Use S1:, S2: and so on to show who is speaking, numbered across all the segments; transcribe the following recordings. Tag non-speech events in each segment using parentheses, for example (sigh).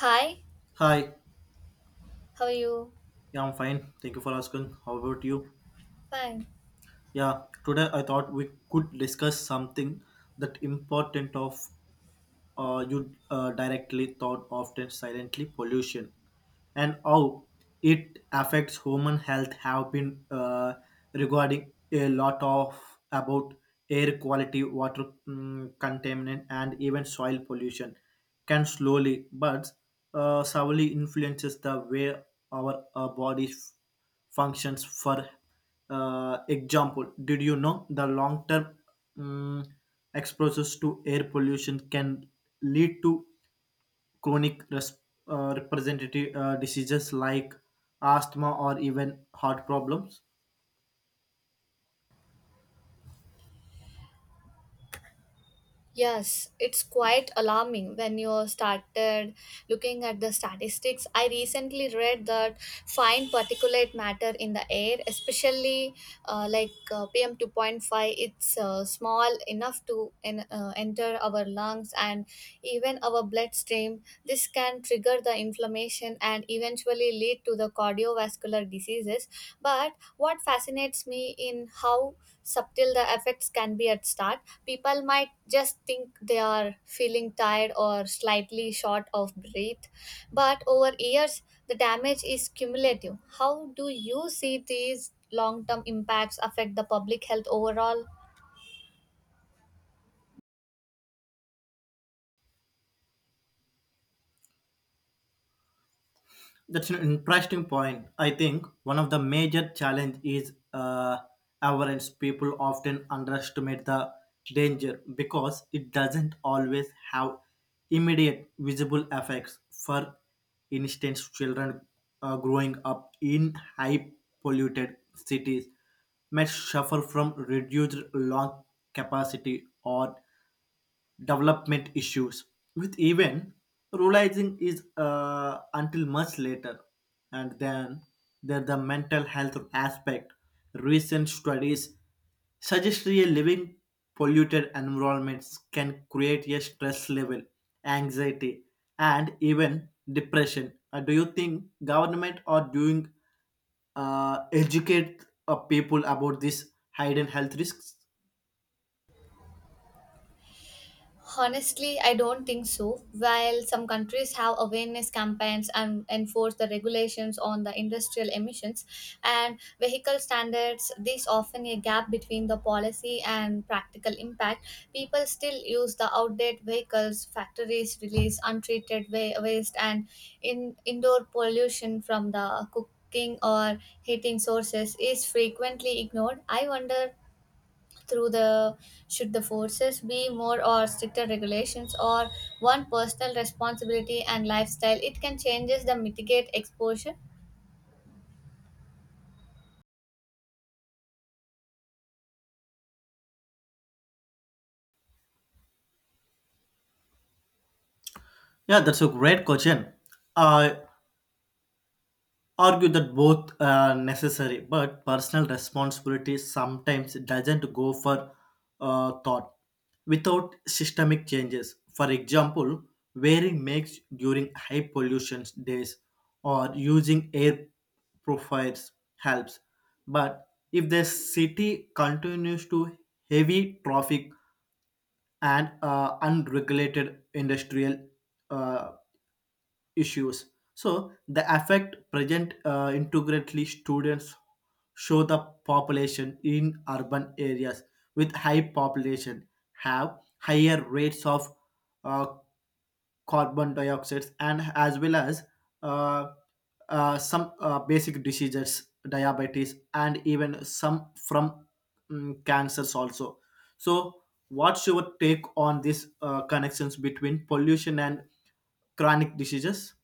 S1: Hi,
S2: Hi,
S1: how are you?
S2: yeah, I'm fine. Thank you for asking. How about you?
S1: Fine.
S2: Yeah, today I thought we could discuss something that important of you directly thought often silently pollution. And how it affects human health have been regarding a lot of about air quality, water contaminant, and even soil pollution can slowly but severely influences the way our body functions. For example, did you know the long term mm, exposures to air pollution can lead to chronic representative diseases like asthma or even heart problems.
S1: Yes, it's quite alarming when you started looking at the statistics. I recently read that fine particulate matter in the air, especially PM 2.5, it's small enough to enter our lungs and even our bloodstream. This can trigger the inflammation and eventually lead to the cardiovascular diseases. But what fascinates me in how subtle the effects can be at start. People might just think they are feeling tired or slightly short of breath, but over years the damage is cumulative. How do you see these long-term impacts affect the public health overall?
S2: That's an interesting point. I think one of the major challenge is awareness. People often underestimate the danger because it doesn't always have immediate visible effects. For instance, children growing up in high polluted cities may suffer from reduced lung capacity or development issues with even realizing is until much later. And then there the mental health aspect, recent studies suggest a living polluted environments can create a stress level, anxiety, and even depression. Do you think government are doing educate people about these hidden health risks?
S1: Honestly, I don't think so. While some countries have awareness campaigns and enforce the regulations on the industrial emissions and vehicle standards, there's often a gap between the policy and practical impact. People still use the outdated vehicles, factories release waste, and in indoor pollution from the cooking or heating sources is frequently ignored. I wonder through the, should the forces be more or stricter regulations, or one personal responsibility and lifestyle it can changes the mitigate exposure.
S2: Yeah, that's a great question. Uh, argue that both are necessary, but personal responsibility sometimes doesn't go for thought without systemic changes. For example, wearing masks during high pollution days or using air purifiers helps. But if the city continues to heavy traffic and unregulated industrial uh, issues. So the effect present integrally students show the population in urban areas with high population have higher rates of uh, carbon dioxide and as well as uh, some basic diseases, diabetes, and even some from cancers also. So, what's your take on these connections between pollution and chronic diseases?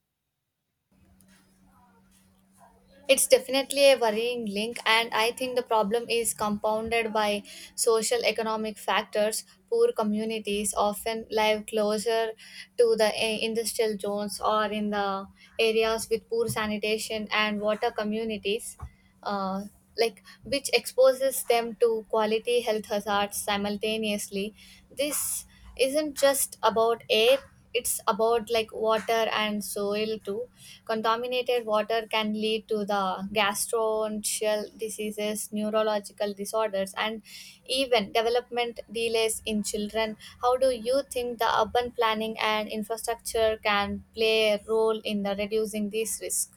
S1: It's definitely a worrying link, and I think the problem is compounded by social economic factors. Poor communities often live closer to the industrial zones or in the areas with poor sanitation and water communities, uh, like, which exposes them to quality health hazards simultaneously. This isn't just about air, it's about like water and soil too. Contaminated water can lead to the gastrointestinal diseases, neurological disorders, and even development delays in children. How do you think the urban planning and infrastructure can play a role in the reducing this risk?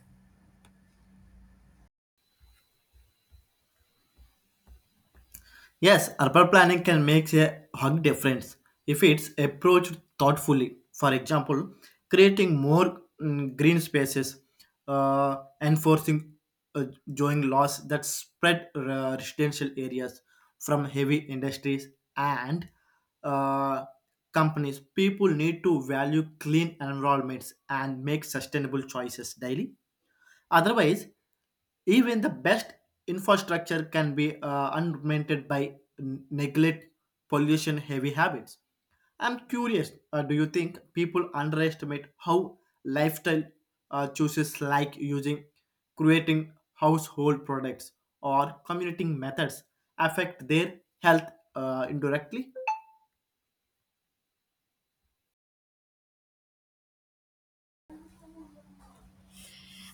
S2: Yes, urban planning can make a hug difference if it's approached thoughtfully. For example, creating more green spaces, uh, enforcing uh, zoning laws that spread residential areas from heavy industries and uh, companies. People need to value clean environments and make sustainable choices daily. Otherwise, even the best infrastructure can be unmented by neglect, pollution, heavy habits. I'm curious, do you think people underestimate how lifestyle choices like using, creating household products or commuting methods affect their health indirectly?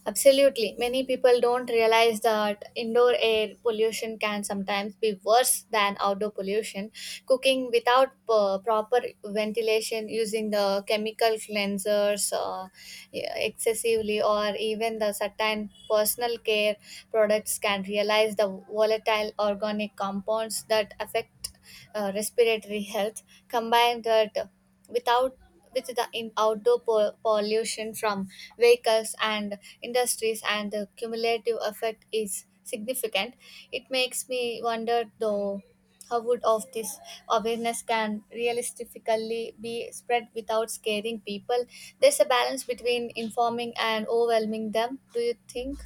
S1: Absolutely. Many people don't realize that indoor air pollution can sometimes be worse than outdoor pollution. Cooking without proper ventilation, using the chemical cleansers, yeah, excessively, or even the certain personal care products can realize the volatile organic compounds that affect respiratory health. Combined that without with the in pollution from vehicles and industries, and the cumulative effect is significant. It makes me wonder though, how would of this awareness can realistically be spread without scaring people? There's a balance between informing and overwhelming them, do you think?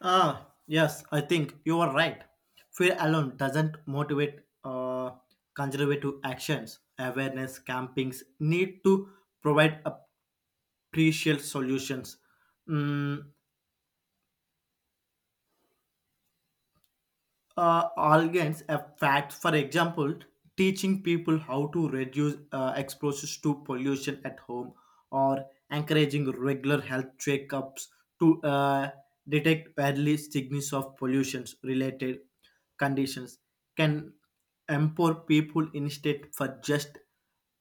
S2: Ah, yes, I think you are right. Fear alone doesn't motivate conservative actions. Awareness campings need to provide a crucial solutions. Mm, organs a fact, for example, teaching people how to reduce exposures to pollution at home or encouraging regular health checkups to detect early signals of pollution related conditions can empower people instead for just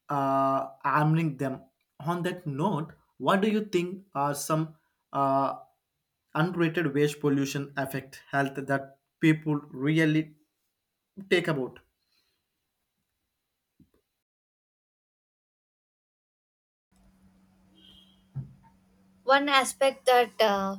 S2: arming them. On that note, what do you think are some uh, untreated waste pollution affect health that people really take about?
S1: One aspect that uh,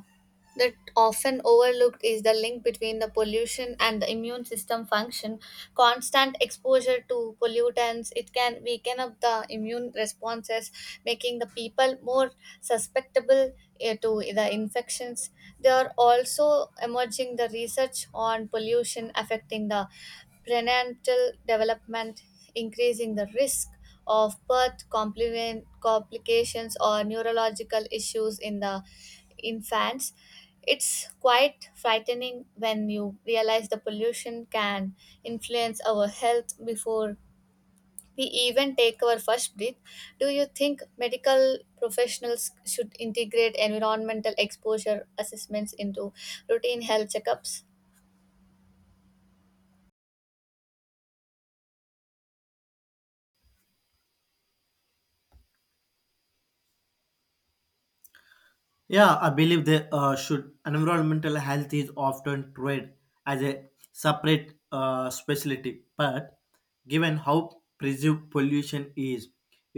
S1: that often overlooked is the link between the pollution and the immune system function. Constant exposure to pollutants it can weaken up the immune responses, making the people more susceptible, to the infections. There are also emerging the research on pollution affecting the prenatal development, increasing the risk of complications or neurological issues in the infants. It's quite frightening when you realize the pollution can influence our health before we even take our first breath. Do you think medical professionals should integrate environmental exposure assessments into routine health checkups?
S2: Yeah, I believe they should. Environmental health is often treated as a separate specialty, but given how perceived pollution is,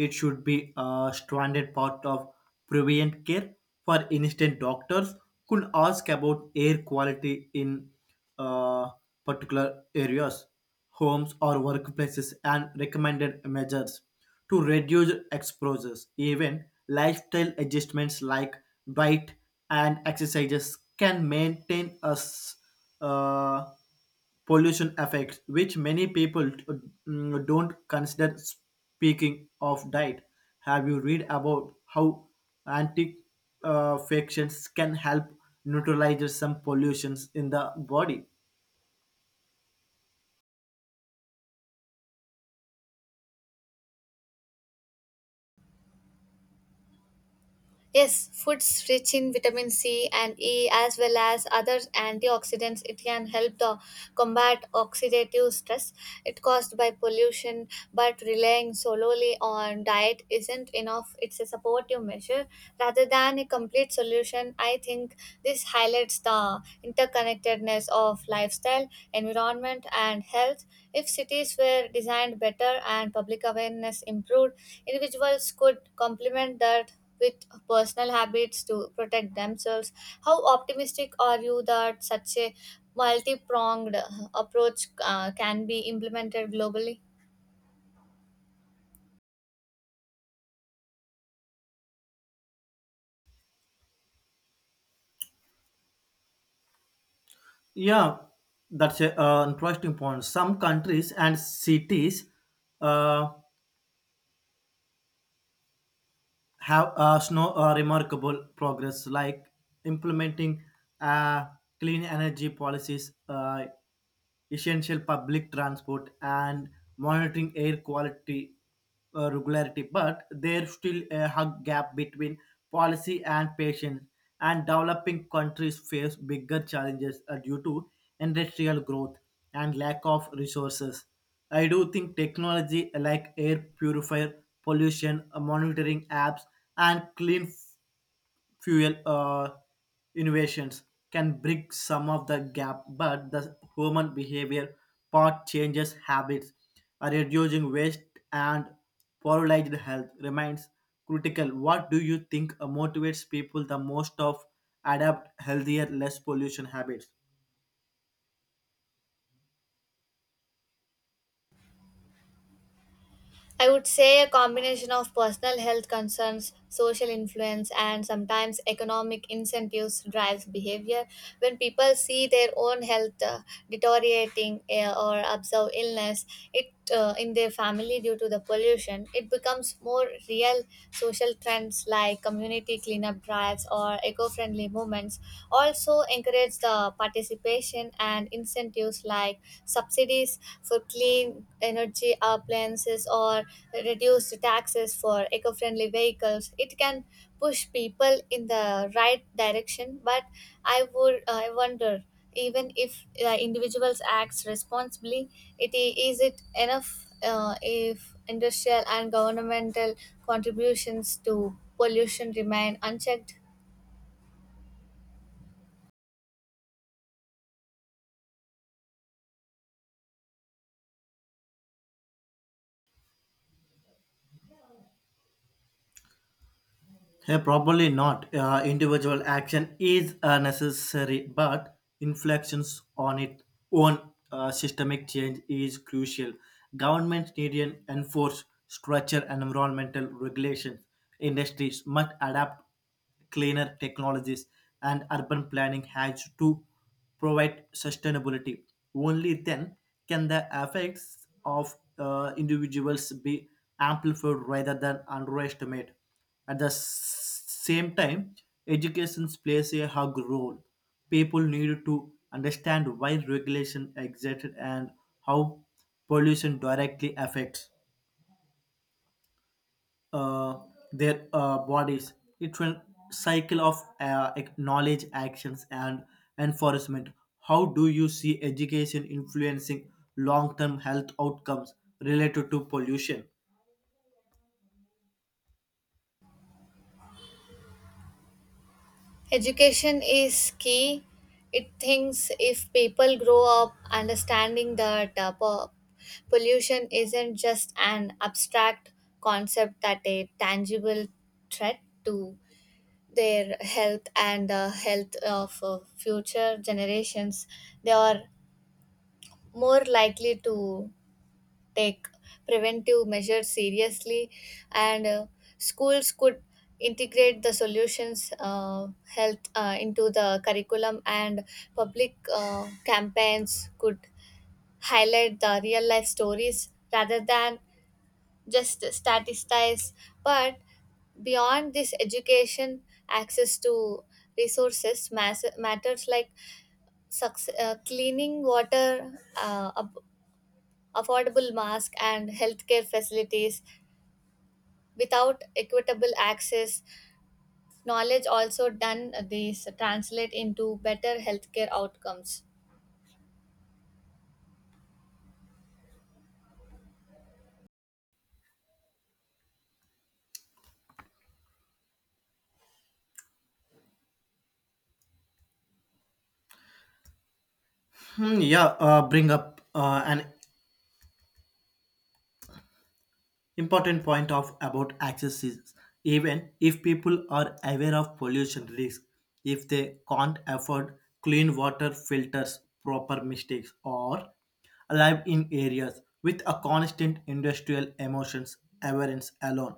S2: it should be a stranded part of preventive care. For instance, doctors could ask about air quality in uh, particular areas, homes, or workplaces and recommended measures to reduce exposures. Even lifestyle adjustments like diet and exercises can maintain us uh, pollution effects, which many people don't consider. Speaking of diet, have you read about how anti factions can help neutralize some pollutions in the body?
S1: Yes, foods rich in vitamin C and E as well as other antioxidants. It can help the combat oxidative stress it caused by pollution, but relying solely on diet isn't enough. It's a supportive measure rather than a complete solution. I think this highlights the interconnectedness of lifestyle, environment, and health. If cities were designed better and public awareness improved, individuals could complement that with personal habits to protect themselves. How optimistic are you that such a multi pronged approach can be implemented globally?
S2: Yeah, that's an interesting point. Some countries and cities uh, have snow, remarkable progress, like implementing uh, clean energy policies. Essential public transport and monitoring air quality regularity, but there's still a hug gap between policy and patients, and developing countries face bigger challenges due to industrial growth and lack of resources. I do think technology like air purifier, pollution monitoring apps, and clean fuel innovations can bridge some of the gap, but the human behavior part changes habits, reducing waste and polarized health remains critical. What do you think motivates people the most of adapt healthier, less pollution habits?
S1: I would say a combination of personal health concerns, social influence, and sometimes economic incentives drives behavior. When people see their own health deteriorating, or observe illness it in their family due to the pollution, it becomes more real. Social trends like community cleanup drives or eco-friendly movements also encourage the participation, and incentives like subsidies for clean energy appliances or reduced taxes for eco-friendly vehicles it can push people in the right direction. But I wonder, even if individuals act responsibly, is it enough if industrial and governmental contributions to pollution remain unchecked?
S2: Probably not. Individual action is necessary, but inflections on its own systemic change is crucial. Governments need to enforce structure and environmental regulations. Industries must adapt cleaner technologies, and urban planning has to provide sustainability. Only then can the effects of individuals be amplified rather than underestimated. At the same time, education plays a hug role. People need to understand why regulation exists and how pollution directly affects uh, their bodies. It will cycle of knowledge, actions, and enforcement. How do you see education influencing long-term health outcomes related to pollution?
S1: Education is key. It thinks if people grow up understanding that pollution isn't just an abstract concept, that a tangible threat to their health and the health of future generations, they are more likely to take preventive measures seriously. And schools could integrate the solutions, health, into the curriculum, and public campaigns could highlight the real life stories rather than just statistics. But beyond this education, access to resources matters, like cleaning water, uh, ab- affordable mask, and healthcare facilities. Without equitable access, knowledge also done these translate into better healthcare outcomes.
S2: Hmm, yeah, bring up an important point of about access is, even if people are aware of pollution risks, if they can't afford clean water filters, proper mistakes, or live in areas with a constant industrial emissions, awareness alone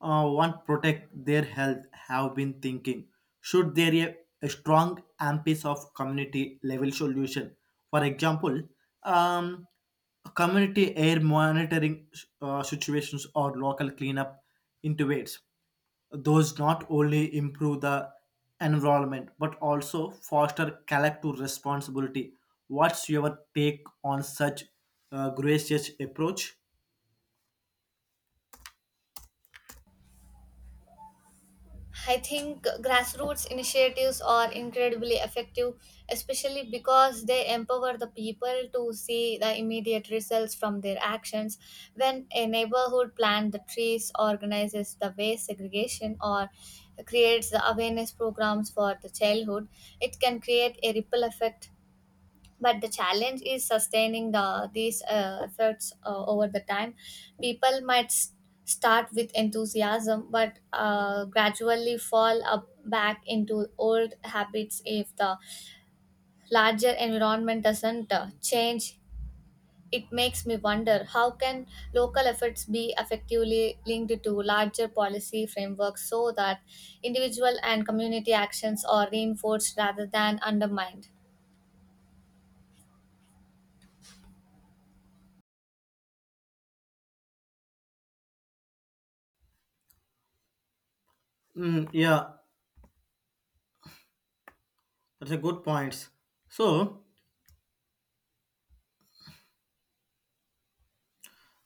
S2: want protect their health. Have been thinking, should there be a strong emphasis of community level solution? For example, um, community air monitoring situations or local cleanup intubates those not only improve the environment but also foster collective responsibility. What's your take on such gracious approach?
S1: I think grassroots initiatives are incredibly effective, especially because they empower the people to see the immediate results from their actions. When a neighborhood plants the trees, organizes the waste segregation, or creates the awareness programs for the childhood, it can create a ripple effect. But the challenge is sustaining the these efforts over the time. People might start with enthusiasm, but gradually fall up back into old habits if the larger environment doesn't change. It makes me wonder, how can local efforts be effectively linked to larger policy frameworks so that individual and community actions are reinforced rather than undermined?
S2: Mm, yeah, that's a good point. so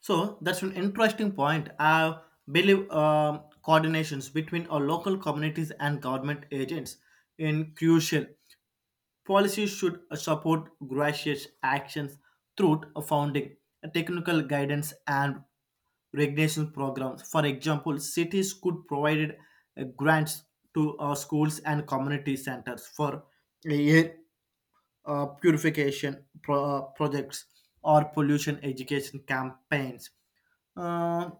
S2: So that's an interesting point. I believe coordinations between our local communities and government agents in crucial. Policies should support gracious actions through a funding, technical guidance, and regulation programs. For example, cities could provide grants to schools and community centers for a year purification projects or pollution education campaigns. Uh,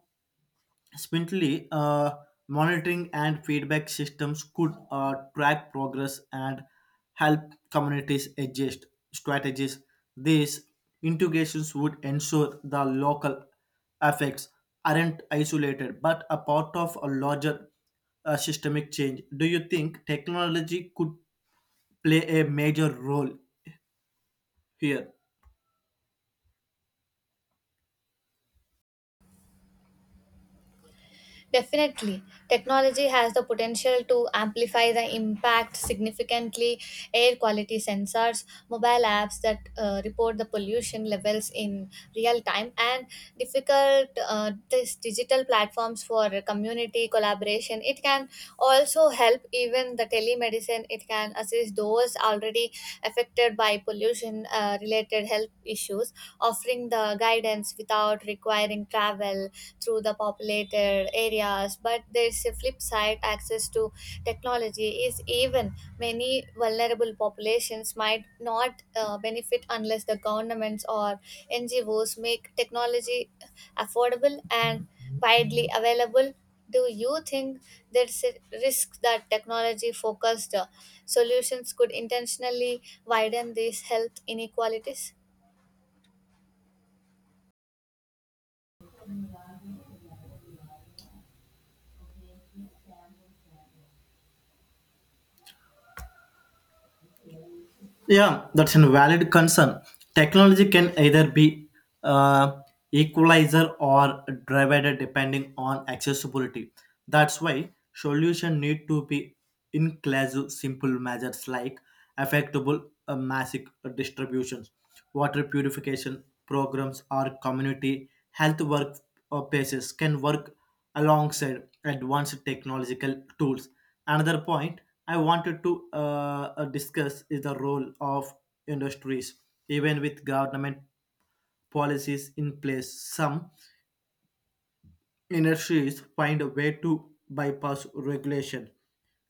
S2: Spindly, monitoring and feedback systems could track progress and help communities adjust strategies. These integrations would ensure the local effects aren't isolated but a part of a larger systemic change. Do you think technology could play a major role here?
S1: Definitely. Technology has the potential to amplify the impact significantly. Air quality sensors, mobile apps that report the pollution levels in real time, and difficult this digital platforms for community collaboration. It can also help even the telemedicine. It can assist those already affected by pollution related health issues, offering the guidance without not requiring travel through the populated areas. But there's a flip side, access to technology is even many vulnerable populations might not benefit unless the governments or NGOs make technology affordable and widely available. Do you think there's a risk that technology focused solutions could intentionally widen these health inequalities?
S2: Yeah, that's a valid concern. Technology can either be uh, equalizer or divider depending on accessibility. That's why solution need to be inclusive simple measures like affectable massive distributions, water purification programs or community health work places can work alongside advanced technological tools. Another point I wanted to discuss is the role of industries. Even with government policies in place, some industries find a way to bypass regulation,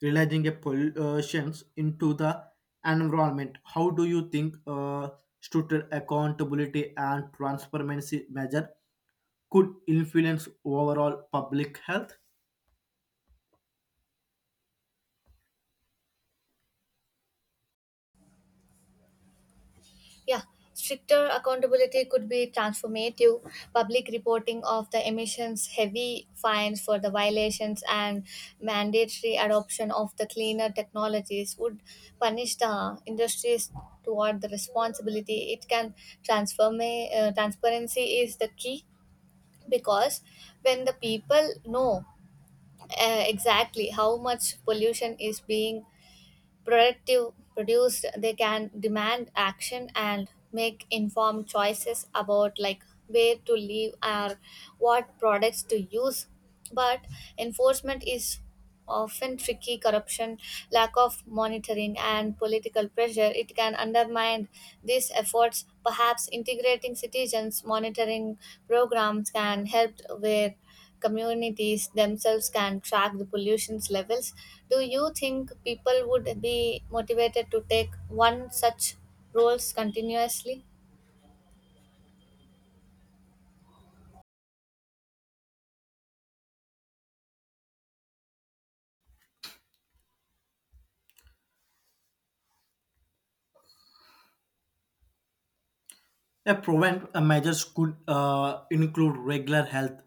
S2: releasing a pollutions into the environment. How do you think stricter accountability and transparency measure could influence overall public health?
S1: Yeah, stricter accountability could be transformative. Public reporting of the emissions, heavy fines for the violations, and mandatory adoption of the cleaner technologies would punish the industries toward the responsibility. It can transform. Transparency is the key, because when the people know exactly how much pollution is being productive produced, they can demand action and make informed choices about like where to live or what products to use. But enforcement is often tricky. Corruption, lack of monitoring, and political pressure it can undermine these efforts. Perhaps integrating citizens monitoring programs can help, where communities themselves can track the pollution's levels. Do you think people would be motivated to take one such roles continuously?
S2: Yeah, prevent measures could include regular health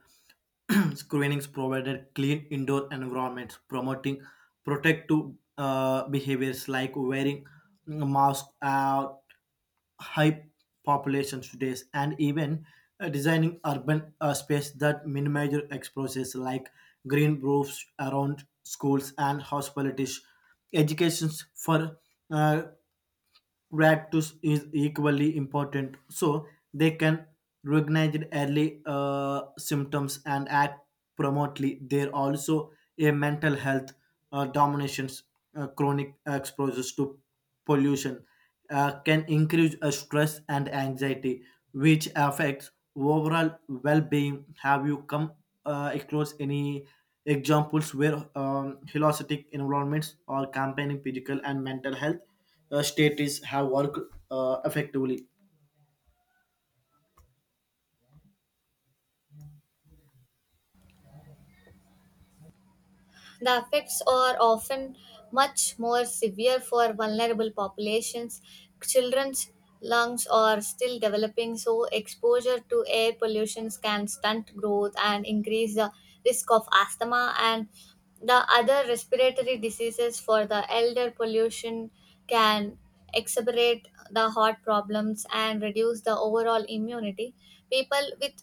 S2: (clears throat) screenings, provided clean indoor environments, promoting protective behaviors like wearing masks, high population days, and even designing urban space that minimize exposures like green roofs around schools and hospitals, educations for uh, rat to is equally important, so they can recognize early symptoms and act promptly. There also a mental health dominations. Chronic exposures to pollution can increase stress and anxiety, which affects overall well-being. Have you come across any examples where holistic environments or campaigning physical and mental health status have worked effectively?
S1: The effects are often much more severe for vulnerable populations. Children's lungs are still developing, so exposure to air pollution can stunt growth and increase the risk of asthma and the other respiratory diseases. For the elder, pollution can exacerbate the heart problems and reduce the overall immunity. People with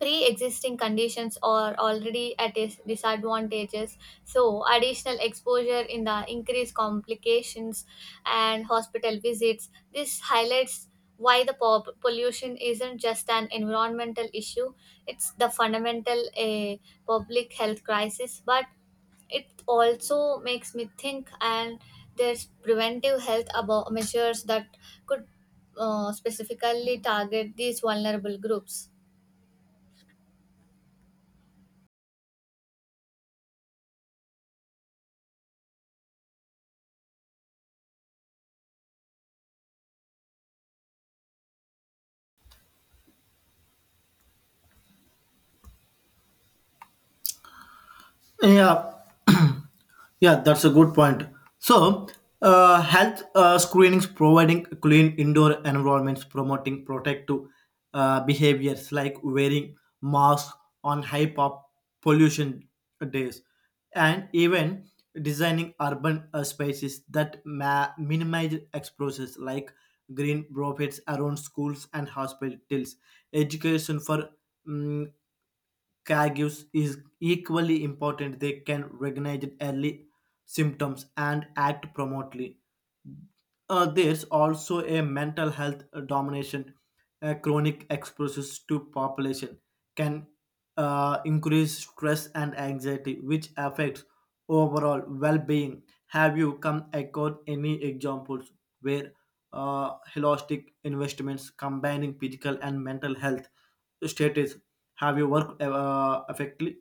S1: pre-existing conditions are already at disadvantages, so additional exposure in the increased complications and hospital visits. This highlights why the pollution isn't just an environmental issue, it's the fundamental a public health crisis. But it also makes me think, and there's preventive health about measures that could specifically target these vulnerable groups.
S2: Yeah, yeah, that's a good point. So, health screenings providing clean indoor environments, promoting protective behaviors like wearing masks on high pop pollution days, and even designing urban spaces that minimize exposures like green profits around schools and hospitals, education for mm, caregivers is equally important. They can recognize early symptoms and act promptly. There's also a mental health domination. Chronic exposures to population can increase stress and anxiety, which affects overall well-being. Have you come across any examples where holistic investments combining physical and mental health status have you worked effectively?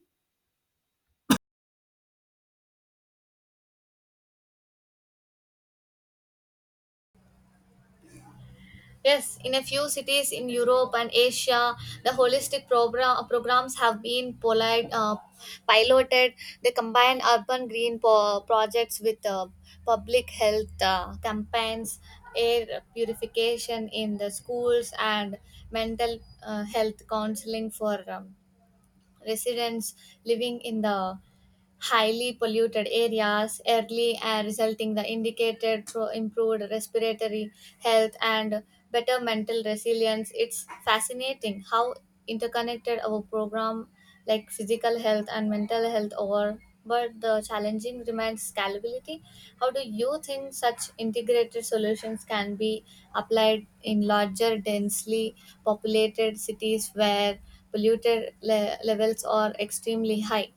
S1: Yes, in a few cities in Europe and Asia, the programs have been piloted. They combine urban projects with public health campaigns, air purification in the schools, and mental health counseling for residents living in the highly polluted areas. Early and resulting the indicated through improved respiratory health and better mental resilience. It's fascinating how interconnected our program, like physical health and mental health, are. But the challenging remains scalability. How do you think such integrated solutions can be applied in larger densely populated cities where levels are extremely high?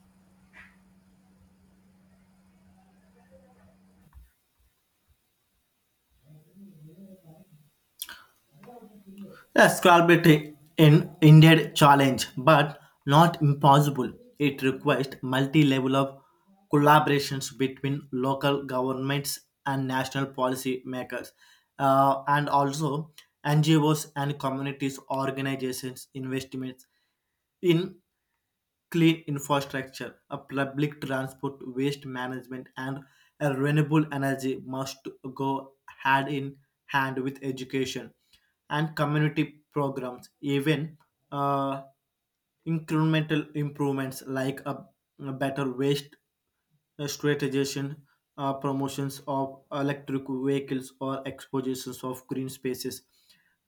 S2: A scalability in indeed challenge, but not impossible. It requires multi-level of collaborations between local governments and national policy makers, and also NGOs and communities organizations investments in clean infrastructure, a public transport, waste management, and a renewable energy must go hand in hand with education and community programs. Even uh, incremental improvements like a better waste strategization, promotions of electric vehicles or expositions of green spaces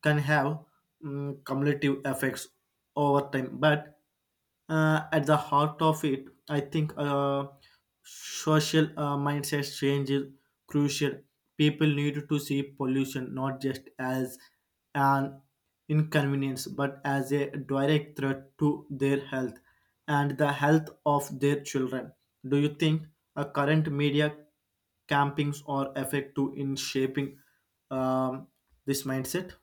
S2: can have cumulative effects over time. But at the heart of it, I think social mindset change is crucial. People need to see pollution not just as an inconvenience but as a direct threat to their health and the health of their children. Do you think current media campings are effective in shaping um, this mindset?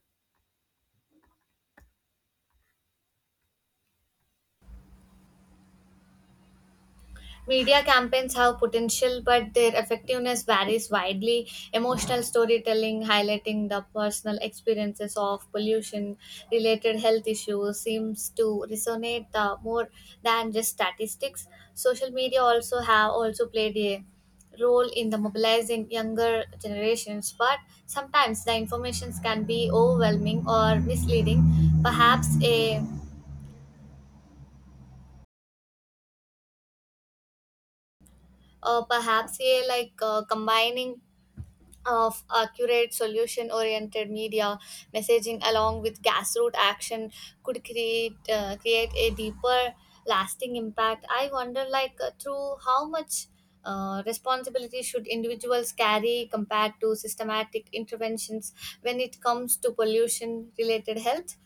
S1: Media campaigns have potential, but their effectiveness varies widely. Emotional storytelling, highlighting the personal experiences of pollution related health issues, seems to resonate the more than just statistics. Social media also have also played a role in the mobilizing younger generations, but sometimes the informations can be overwhelming or misleading. Perhaps a perhaps a like combining of accurate solution oriented media messaging along with grassroots action could create a deeper lasting impact. I wonder, like through how much responsibility should individuals carry compared to systematic interventions when it comes to pollution related health.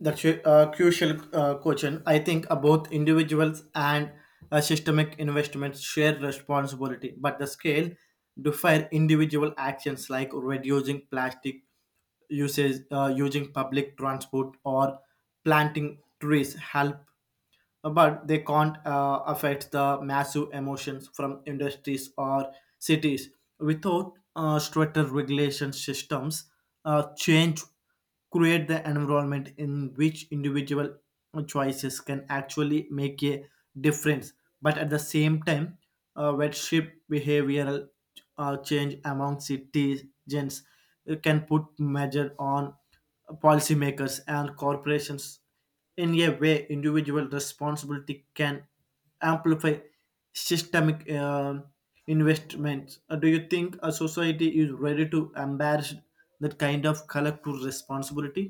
S2: That's a crucial question. I think both individuals and systemic investments share responsibility, but the scale differ individual actions like reducing plastic usage, using public transport, or planting trees help but they can't affect the massive emotions from industries or cities. Without stricter regulation systems, change create the environment in which individual choices can actually make a difference. But at the same time, wet shift behavioral change among citizens can put measure on policymakers and corporations in a way individual responsibility can amplify systemic investments. Do you think a society is ready to embrace that kind of collective responsibility?